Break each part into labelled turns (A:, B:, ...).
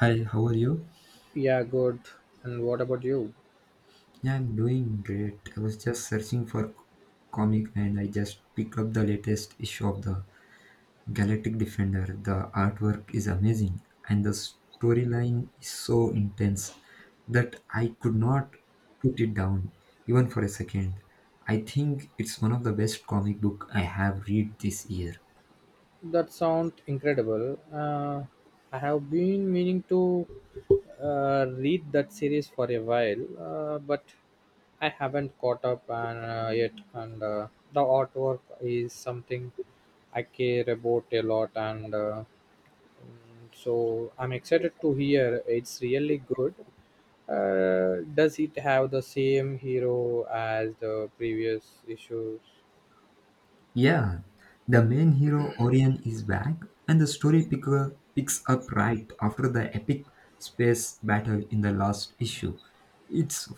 A: Hi, how are you?
B: Yeah, good. And what about you?
A: Yeah, I'm doing great. I was just searching for comic and I just picked up the latest issue of the Galactic Defender. The artwork is amazing and the storyline is so intense that I could not put it down even for a second. I think it's one of the best comic book I have read this year.
B: That sounds incredible. I have been meaning to read that series for a while, but I haven't caught up yet. And the artwork is something I care about a lot, and so I'm excited to hear it's really good. Does it have the same hero as the previous issues?
A: Yeah, the main hero Orion is back, and the story picker picks up right after the epic space battle in the last issue. It's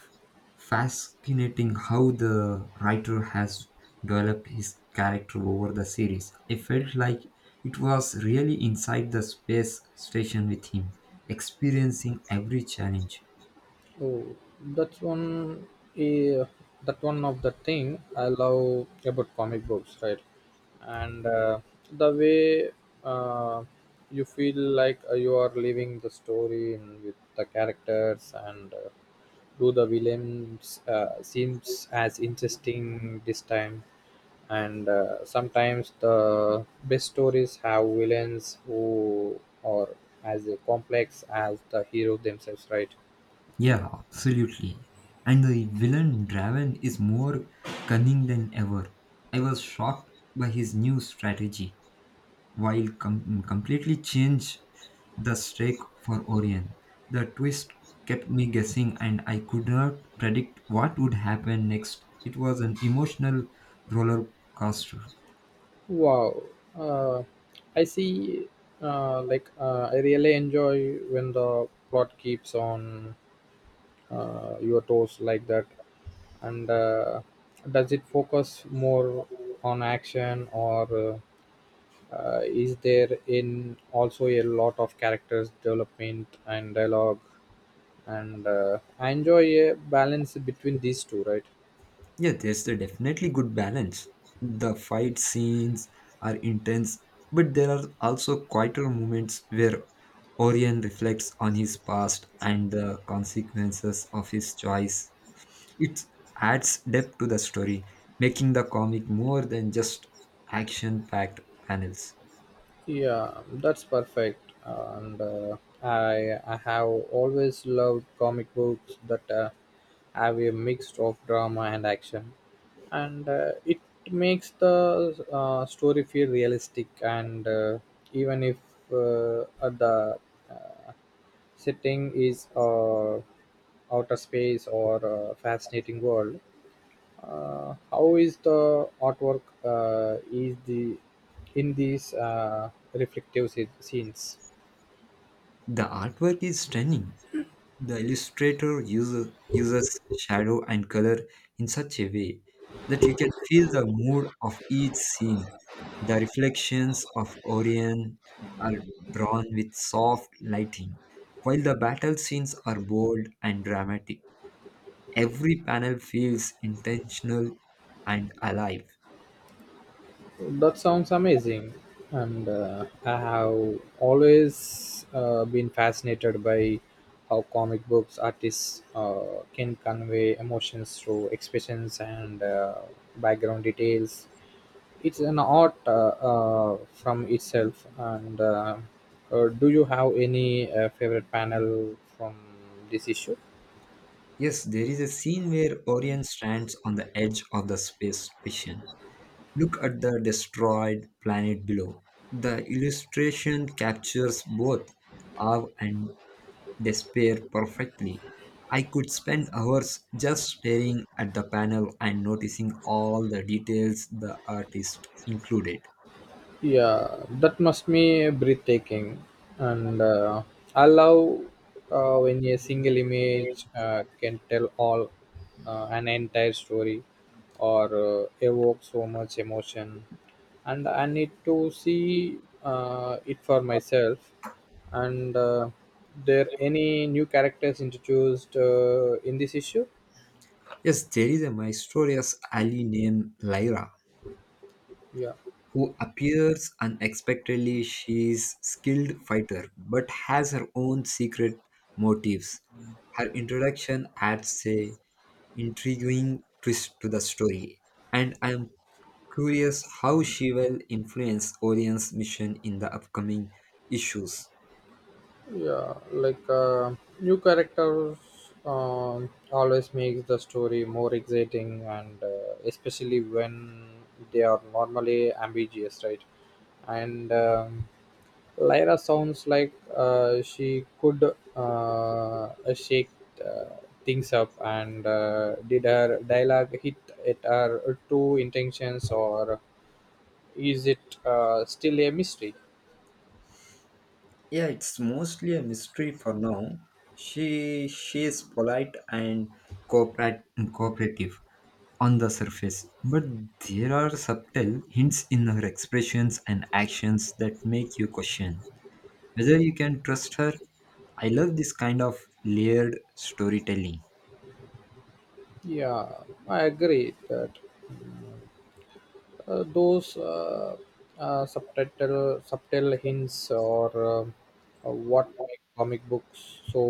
A: fascinating how the writer has developed his character over the series. I felt like it was really inside the space station with him, experiencing every challenge.
B: Oh, that's one. eh, that one of the thing I love about comic books, right? And the way uh, you feel like you are living the story in with the characters, and do the villains seems as interesting this time. And sometimes the best stories have villains who are as complex as the hero themselves, right?
A: Yeah, absolutely. And the villain Draven is more cunning than ever. I was shocked by his new strategy, while completely changed the stake for Orion. The twist kept me guessing, and I could not predict what would happen next. It was an emotional roller coaster.
B: Wow. Uh, I see. Like I really enjoy when the plot keeps on your toes like that. And does it focus more on action, or is there in also a lot of characters development and dialogue? And I enjoy a balance between these two, right?
A: Yeah, there's a definitely good balance. The fight scenes are intense, but there are also quieter moments where Orion reflects on his past and the consequences of his choice. It adds depth to the story, making the comic more than just action packed panels.
B: Yeah, that's perfect. And I have always loved comic books that have a mix of drama and action. And it makes the story feel realistic, and even if the uh, setting is outer space or a fascinating world, how is the artwork, is the in these reflective scenes?
A: The artwork is stunning. The illustrator uses shadow and color in such a way that you can feel the mood of each scene. The reflections of Orion are drawn with soft lighting, while the battle scenes are bold and dramatic. Every panel feels intentional and alive.
B: That sounds amazing, and I have always been fascinated by how comic books artists can convey emotions through expressions and background details. It's an art from itself, and do you have any favorite panel from this issue?
A: Yes, there is a scene where Orion stands on the edge of the space station, Look at the destroyed planet below. The illustration captures both awe and despair perfectly. I could spend hours just staring at the panel and noticing all the details the artist included.
B: Yeah, that must be breathtaking. And I love when a single image can tell all an entire story or evoke so much emotion. And I need to see it for myself. And there any new characters introduced in this issue?
A: Yes, there is a mysterious alley named Lyra
B: Yeah.
A: who appears unexpectedly. She's skilled fighter but has her own secret motives. Her introduction adds a intriguing twist to the story, and I am curious how she will influence Orion's mission in the upcoming issues.
B: Yeah, like new characters always makes the story more exciting, and especially when they are normally ambiguous, right? And Lyra sounds like she could shake uh, things up, and did her dialogue hit at her true intentions, or is it still a mystery?
A: Yeah, it's mostly a mystery for now. She she is polite and cooperate, cooperative on the surface, but there are subtle hints in her expressions and actions that make you question whether you can trust her. I love this kind of layered storytelling.
B: Yeah, I agree that. Those subtitle subtle hints or what make comic books so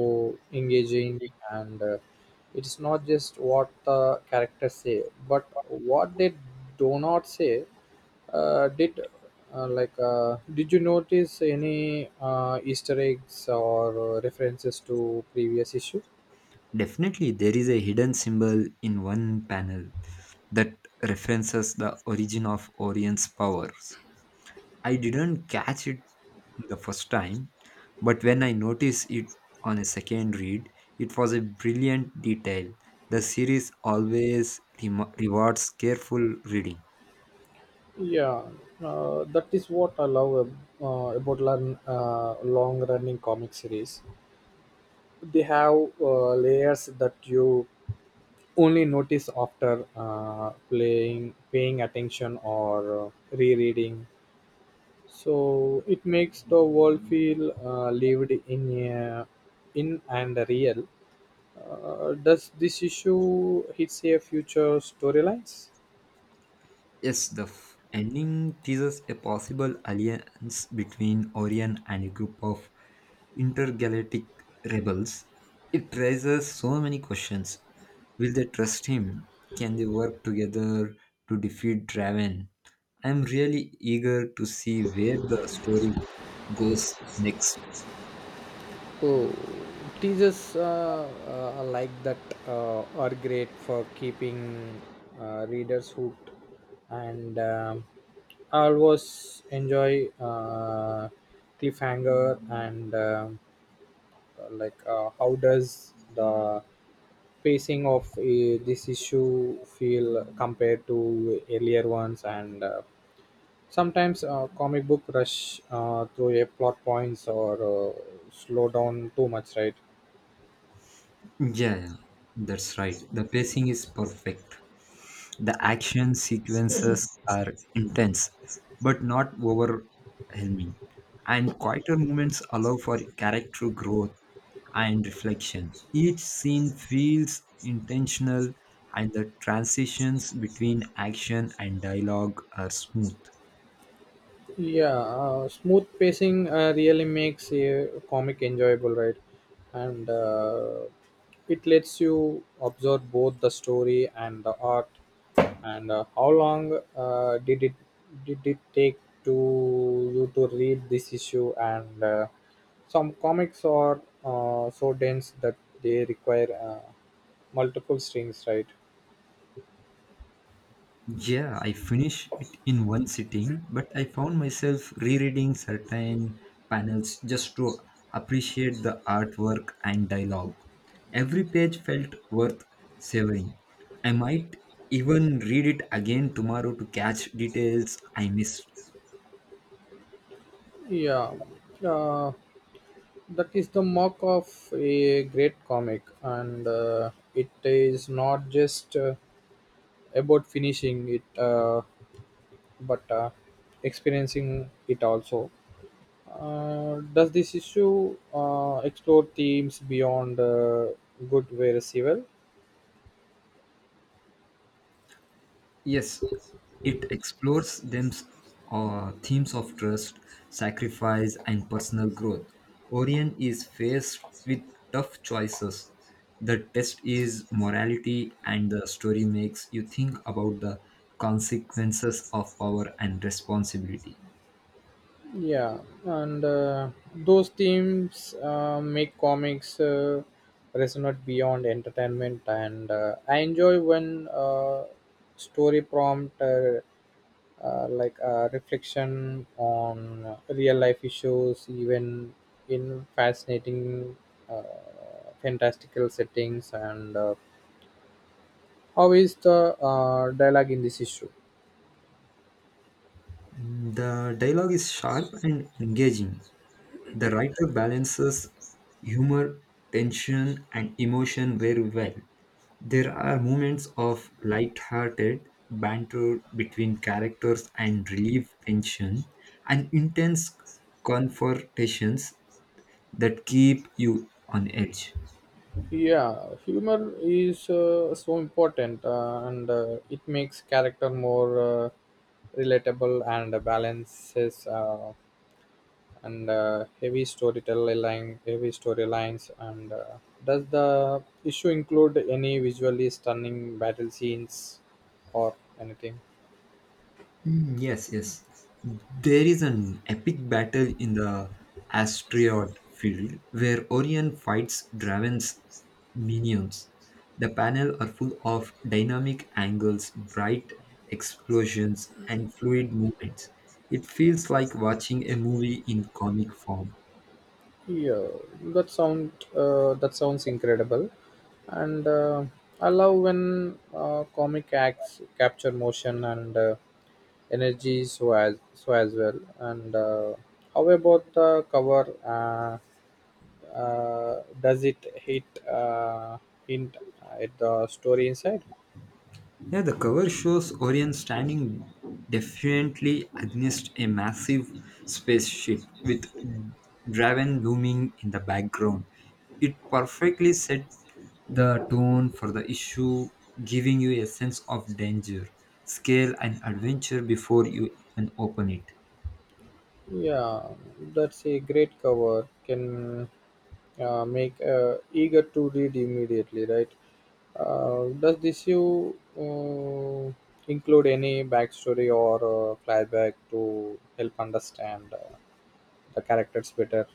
B: engaging, and it's not just what the characters say but what they do not say. Did like did you notice any easter eggs or references to previous issue?
A: Definitely, there is a hidden symbol in one panel that references the origin of Orion's powers. I didn't catch it the first time, but when I noticed it on a second read, it was a brilliant detail. The series always rewards careful reading.
B: Yeah, that is what I love about long, long-running comic series. They have layers that you only notice after paying attention, or rereading. So it makes the world feel lived in and real. Does this issue hit a future storylines?
A: Yes, the ending teases a possible alliance between Orion and a group of intergalactic rebels. It raises so many questions. Will they trust him? Can they work together to defeat Draven? I'm really eager to see where the story goes next.
B: Oh, teasers like that are great for keeping readers hooked, and I always enjoy cliffhanger, and like how does the pacing of this issue feel compared to earlier ones? And sometimes comic book rush through a plot points or slow down too much, right?
A: Yeah, that's right. The pacing is perfect. The action sequences are intense, but not overwhelming, and quieter moments allow for character growth and reflection. Each scene feels intentional, and the transitions between action and dialogue are smooth.
B: Yeah, smooth pacing really makes a comic enjoyable, right? And it lets you observe both the story and the art. And how long did it take to you to read this issue? And some comics are so dense that they require multiple strings, right?
A: Yeah, I finished it in one sitting, but I found myself rereading certain panels just to appreciate the artwork and dialogue. Every page felt worth savoring. I might even read it again tomorrow to catch details I missed.
B: Yeah. Uh, that is the mark of a great comic, and it is not just about finishing it, but experiencing it also. Does this issue explore themes beyond good versus evil?
A: Yes, it explores them themes of trust, sacrifice, and personal growth. Orion is faced with tough choices. The test is morality, and the story makes you think about the consequences of power and responsibility.
B: Yeah, and those themes make comics resonate beyond entertainment, and I enjoy when story prompt like reflection on real life issues, even in fascinating, uh, fantastical settings, and how is the dialogue in this issue?
A: The dialogue is sharp and engaging. The writer balances humor, tension, and emotion very well. There are moments of light-hearted banter between characters and relieve tension, and intense confrontations that keep you on edge.
B: Yeah, humor is so important, and it makes character more relatable and balances and heavy heavy storylines. And does the issue include any visually stunning battle scenes or anything?
A: Yes, yes. There is an epic battle in the asteroid field where Orion fights Draven's minions. The panel are full of dynamic angles, bright explosions, and fluid movements. It feels like watching a movie in comic form.
B: Yeah, that sounds incredible, and I love when comic acts capture motion and energy so as well. And how about the cover? Does it hit hint at the story inside?
A: Yeah, the cover shows Orion standing defiantly against a massive spaceship with Draven looming in the background. It perfectly set the tone for the issue, giving you a sense of danger, scale, and adventure before you even open it.
B: Yeah, that's a great cover. Can make eager to read immediately, right? Does this you include any backstory or flashback to help understand the characters better?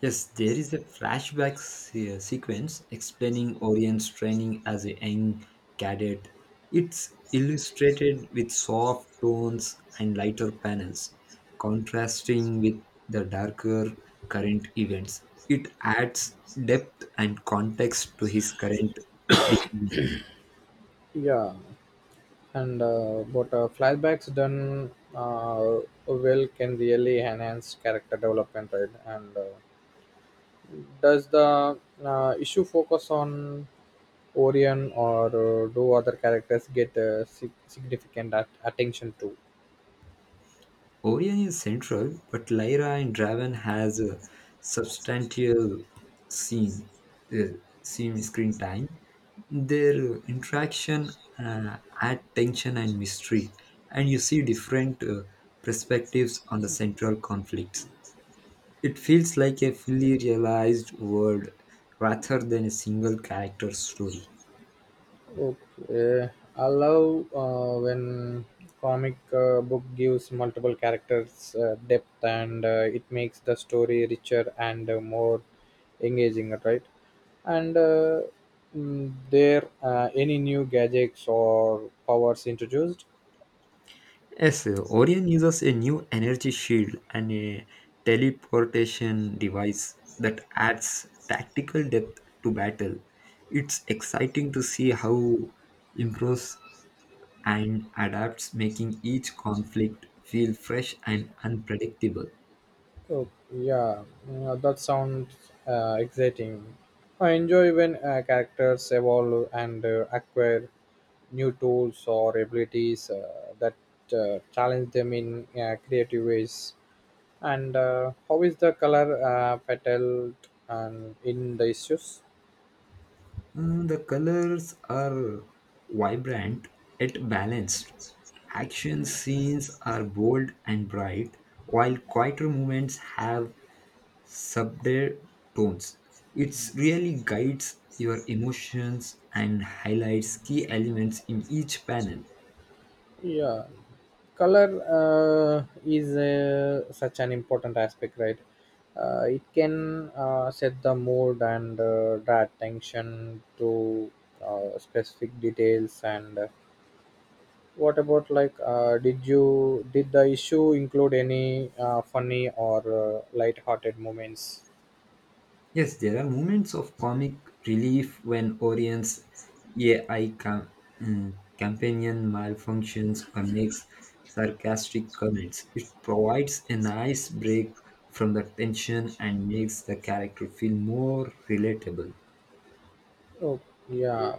A: Yes, there is a flashback sequence explaining Orion's training as a young cadet. It's illustrated with soft tones and lighter panels, contrasting with the darker current events. It adds depth and context to his current decisions.
B: Yeah, and but flashbacks done well can really enhance character development, right? And does the issue focus on Orion, or do other characters get significant attention too?
A: Orion is central, but Lyra and Draven has a substantial scene, uh, scene screen time. Their interaction add tension and mystery, and you see different perspectives on the central conflicts. It feels like a fully realized world rather than a single character story.
B: Okay, I love when comic book gives multiple characters depth, and it makes the story richer and more engaging, right? And there, any new gadgets or powers introduced?
A: Yes, Orion uses a new energy shield and a teleportation device that adds tactical depth to battle. It's exciting to see how improves and adapts, making each conflict feel fresh and unpredictable.
B: Oh, yeah, that sounds exciting. I enjoy when characters evolve and acquire new tools or abilities that challenge them in creative ways. And how is the color petal and in the issues?
A: The colors are vibrant yet balanced. Action scenes are bold and bright, while quieter moments have subtle tones. It really guides your emotions and highlights key elements in each panel.
B: Yeah, color is such an important aspect, right? It can set the mood and draw attention to specific details, and what about like did the issue include any funny or light-hearted moments?
A: Yes, there are moments of comic relief when Orion's AI companion malfunctions or makes sarcastic comments. It provides a nice break from the tension and makes the character feel more relatable.
B: Oh, yeah.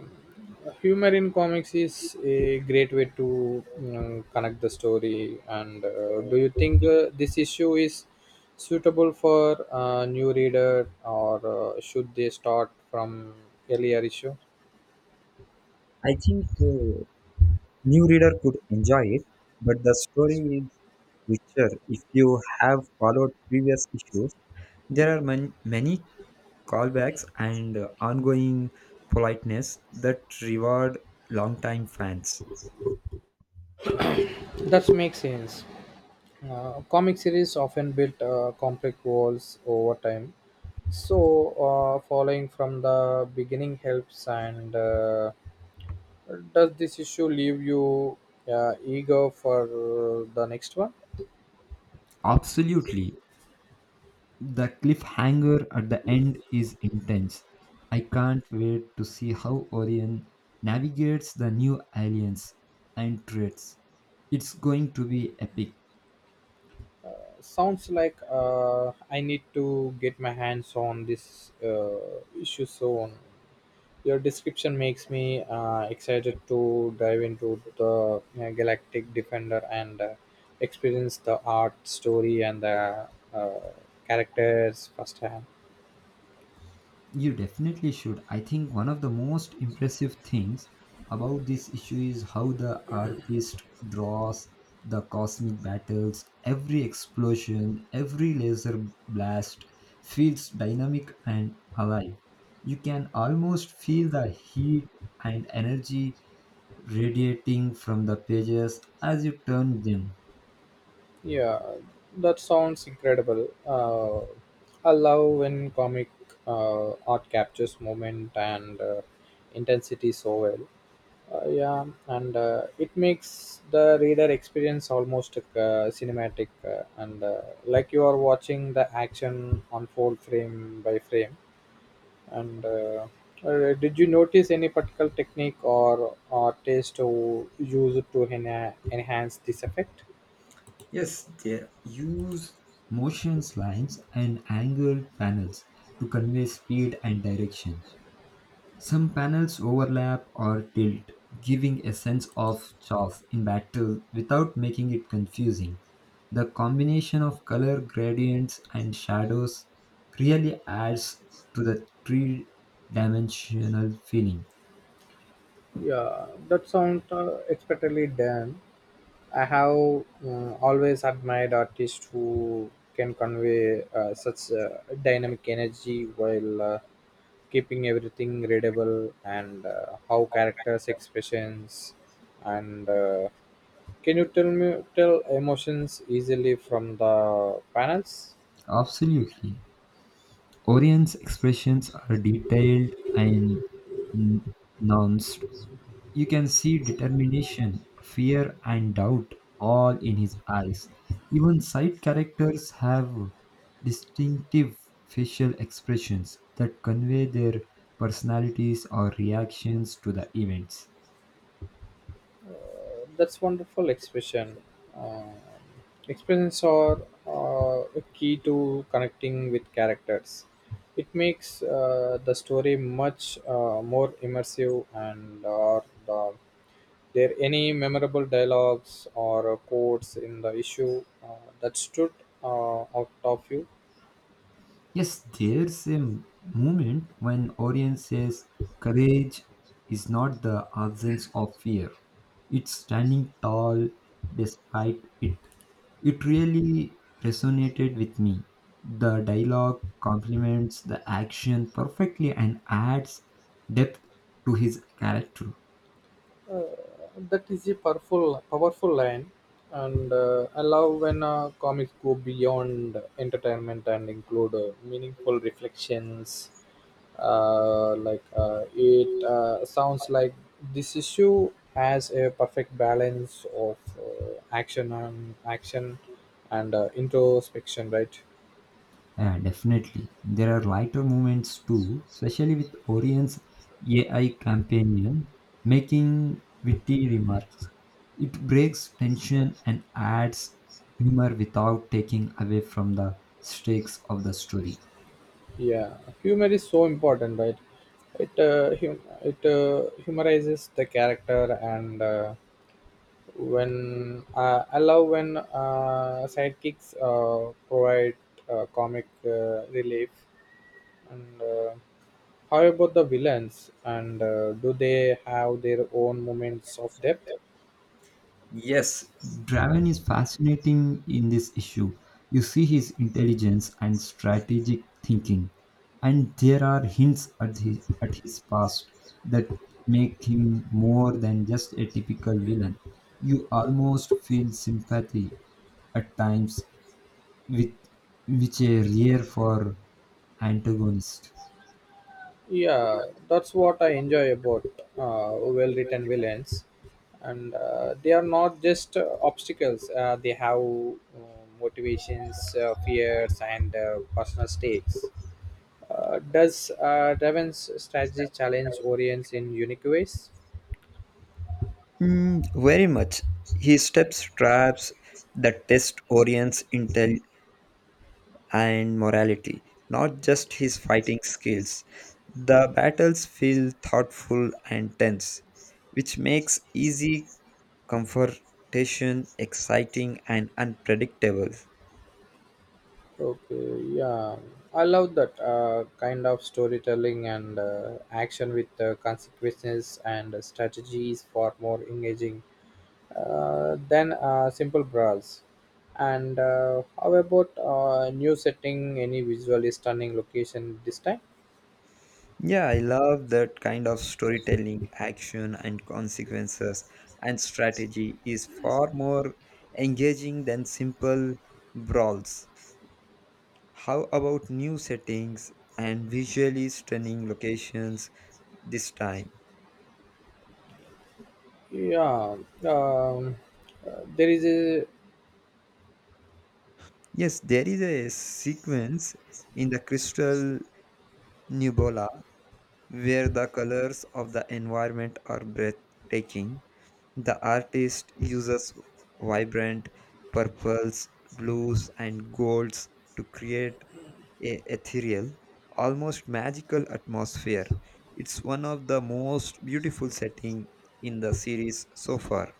B: Humor in comics is a great way to, you know, connect the story. And do you think this issue is suitable for a new reader, or should they start from earlier issue?
A: I think new reader could enjoy it, but the story is richer if you have followed previous issues. There are many callbacks and ongoing politeness that reward longtime fans.
B: That makes sense. Comic series often build complex walls over time, so following from the beginning helps and. Does this issue leave you eager for the next one?
A: Absolutely. The cliffhanger at the end is intense. I can't wait to see how Orion navigates the new aliens and threats. It's going to be epic.
B: Sounds like I need to get my hands on this issue soon. Your description makes me excited to dive into the Galactic Defender and experience the art, story, and the uh, characters firsthand.
A: You definitely should. I think one of the most impressive things about this issue is how the artist draws the cosmic battles. Every explosion, every laser blast feels dynamic and alive. You can almost feel the heat and energy radiating from the pages as you turn them.
B: Yeah, that sounds incredible. I love when comic art captures moment and intensity so well. Yeah, and it makes the reader experience almost like, cinematic, and like you are watching the action unfold frame by frame. And did you notice any particular technique or taste to use to enhance this effect?
A: Yes, they use motions lines and angled panels to convey speed and direction. Some panels overlap or tilt, giving a sense of chaos in battle without making it confusing. The combination of color gradients and shadows really adds to the three dimensional feeling.
B: Yeah, that sounds expertly done. I have always admired artists who can convey such dynamic energy while keeping everything readable. And how characters expressions, and can you tell me tell emotions easily from the panels?
A: Absolutely. Orion's expressions are detailed and n- nuanced. You can see determination, fear, and doubt all in his eyes. Even side characters have distinctive facial expressions that convey their personalities or reactions to the events.
B: That's wonderful expression. Uh, Expressions are a key to connecting with characters. It makes the story much more immersive. And are the there any memorable dialogues or quotes in the issue that stood out of you?
A: Yes, there's a moment when Orion says courage is not the absence of fear. It's standing tall despite it. It really resonated with me. The dialogue complements the action perfectly and adds depth to his character.
B: Uh, that is a powerful line, and I love when comics go beyond entertainment and include meaningful reflections. Like it sounds like this issue has a perfect balance of action and introspection, right?
A: Yeah, definitely. There are lighter moments too, especially with Orion's AI companion making witty remarks. It breaks tension and adds humor without taking away from the stakes of the story.
B: Yeah, humor is so important, right? It humorizes the character and. When I love when sidekicks provide comic relief. And how about the villains? And do they have their own moments of depth?
A: Yes, Draven is fascinating in this issue. You see his intelligence and strategic thinking, and there are hints at his past that make him more than just a typical villain. You almost feel sympathy at times, with which are rare for antagonist.
B: Yeah, that's what I enjoy about well-written villains. And they are not just obstacles; they have motivations, fears, and personal stakes. Does Raven's strategy challenge Orient's in unique ways?
A: Hmm, very much. He steps traps that test Orion's intel and morality, not just his fighting skills. The battles feel thoughtful and tense, which makes easy confrontation exciting and unpredictable.
B: Okay, yeah, I love that kind of storytelling and action with consequences and strategies for more engaging than simple brawls. And how about new setting? Any visually stunning location this time?
A: Yeah, I love that kind of storytelling, action and consequences and strategy is far more engaging than simple brawls. How about new settings and visually stunning locations this time?
B: Yeah, um, there is a.
A: Yes, there is a sequence in the crystal nebula where the colors of the environment are breathtaking. The artist uses vibrant purples, blues, and golds to create a ethereal, almost magical atmosphere. It's one of the most beautiful setting in the series so far.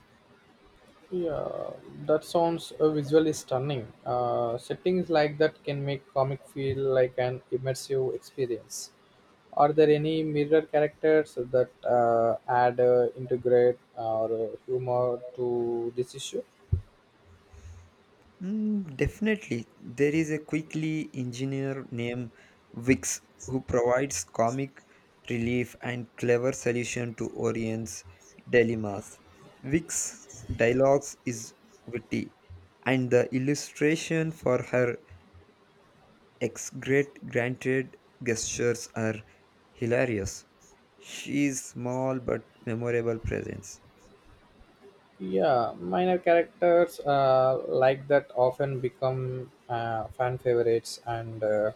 B: Yeah, that sounds visually stunning. Settings like that can make comic feel like an immersive experience. Are there any mirror characters that add, integrate, or humor to this issue?
A: Definitely. There is a quickly engineer named Vix who provides comic relief and clever solution to Orion's dilemmas. Vix's dialogues is witty, and the illustration for her ex-great granted gestures are hilarious. She is small but memorable presence.
B: Yeah, minor characters like that often become fan favorites, and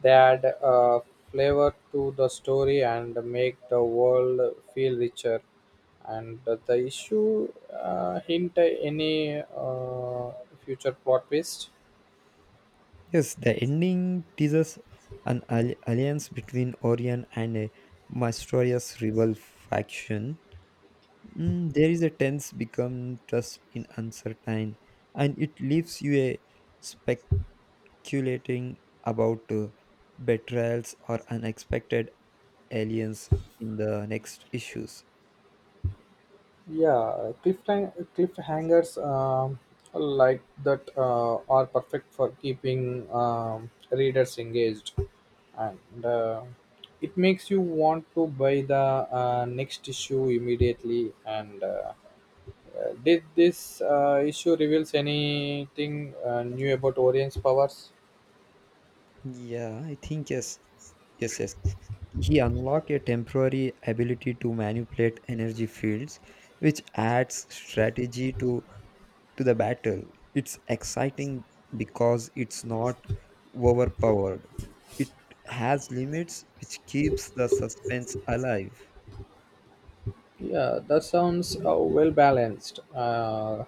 B: they add flavor to the story and make the world feel richer. And the issue hint any future plot twist.
A: Yes, the ending teases an alliance between Orion and a mysterious rebel faction. There is a tense become trust in uncertain, and it leaves you a speculating about betrayals or unexpected aliens in the next issues.
B: Yeah, cliffhangers like that are perfect for keeping readers engaged, and it makes you want to buy the next issue immediately. And did this issue reveals anything new about Orion's powers?
A: Yeah, I think yes. He unlocked a temporary ability to manipulate energy fields, which adds strategy to the battle. It's exciting because it's not overpowered. It has limits, which keeps the suspense alive.
B: Yeah, that sounds well balanced.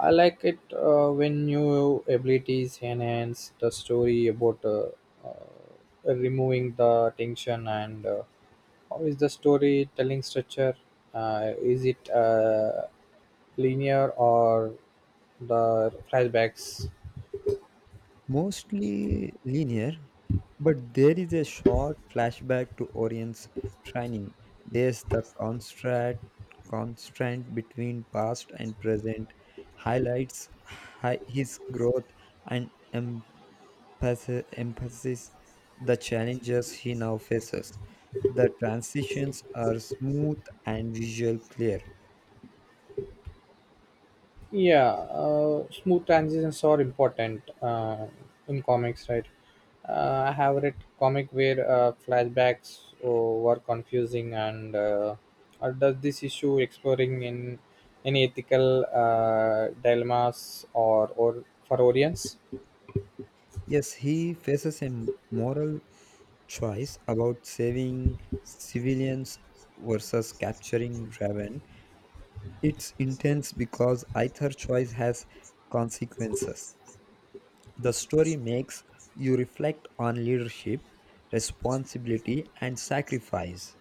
B: I like it when new abilities enhance the story about removing the tension. And how is the storytelling structure? Is it linear or the flashbacks?
A: Mostly linear, but there is a short flashback to Orion's training. There's the constant constraint between past and present, highlights his growth and emphasis the challenges he now faces. The transitions are smooth and visual clear.
B: Yeah, smooth transitions are important in comics, right? I have read comic where flashbacks were confusing, and or does this issue exploring in any ethical dilemmas or for audience?
A: Yes, he faces a moral choice about saving civilians versus capturing Raven. It's intense because either choice has consequences. The story makes you reflect on leadership, responsibility, and sacrifice.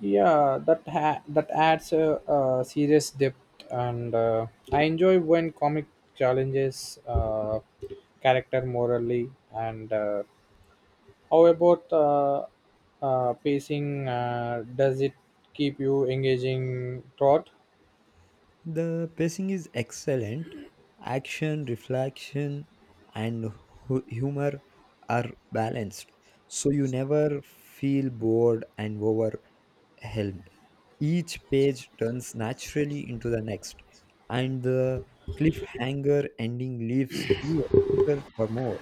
B: Yeah, that that adds a, serious depth, and I enjoy when comic challenges character morally and. How about pacing? Does it keep you engaging throughout?
A: The pacing is excellent. Action, reflection, and humor are balanced, so you never feel bored and overwhelmed. Helmed. Each page turns naturally into the next, and the cliffhanger ending leaves you eager for more.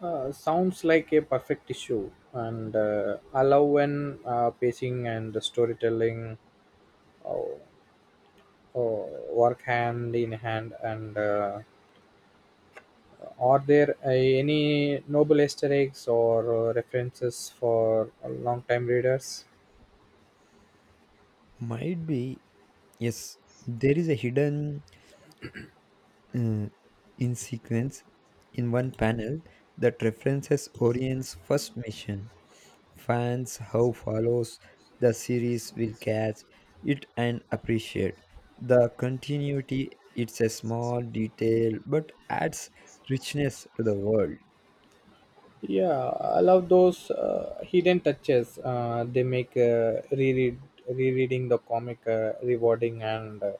B: Sounds like a perfect issue, and allow when pacing and storytelling uh, uh, work hand in hand. And are there any noble Easter eggs or references for long-time readers?
A: Might be, yes, there is a hidden uh, in sequence in one panel that references Orion's first mission. Fans who follows the series will catch it and appreciate the continuity. It's a small detail but adds richness to the world.
B: Yeah, I love those hidden touches. They make rereading the comic rewarding. And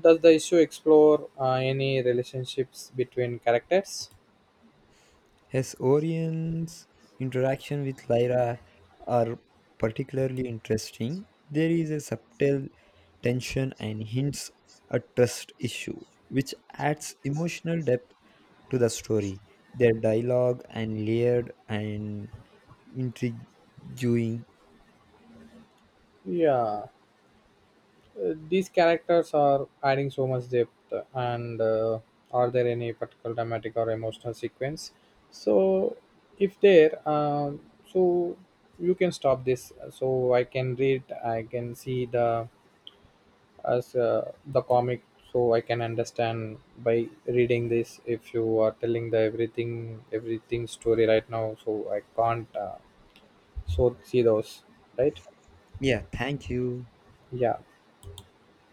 B: does the issue explore any relationships between characters?
A: His Orion's interaction with Lyra are particularly interesting. There is a subtle tension and hints at trust issue which adds emotional depth to the story. Their dialogue and layered and intriguing.
B: Yeah, these characters are adding so much depth. And are there any particular dramatic or emotional sequence? So, if there, so you can stop this. So I can read. I can see the as the comic, so I can understand by reading this if you are telling the everything story right now, so I can't so see those, right?
A: Yeah, thank you.
B: Yeah.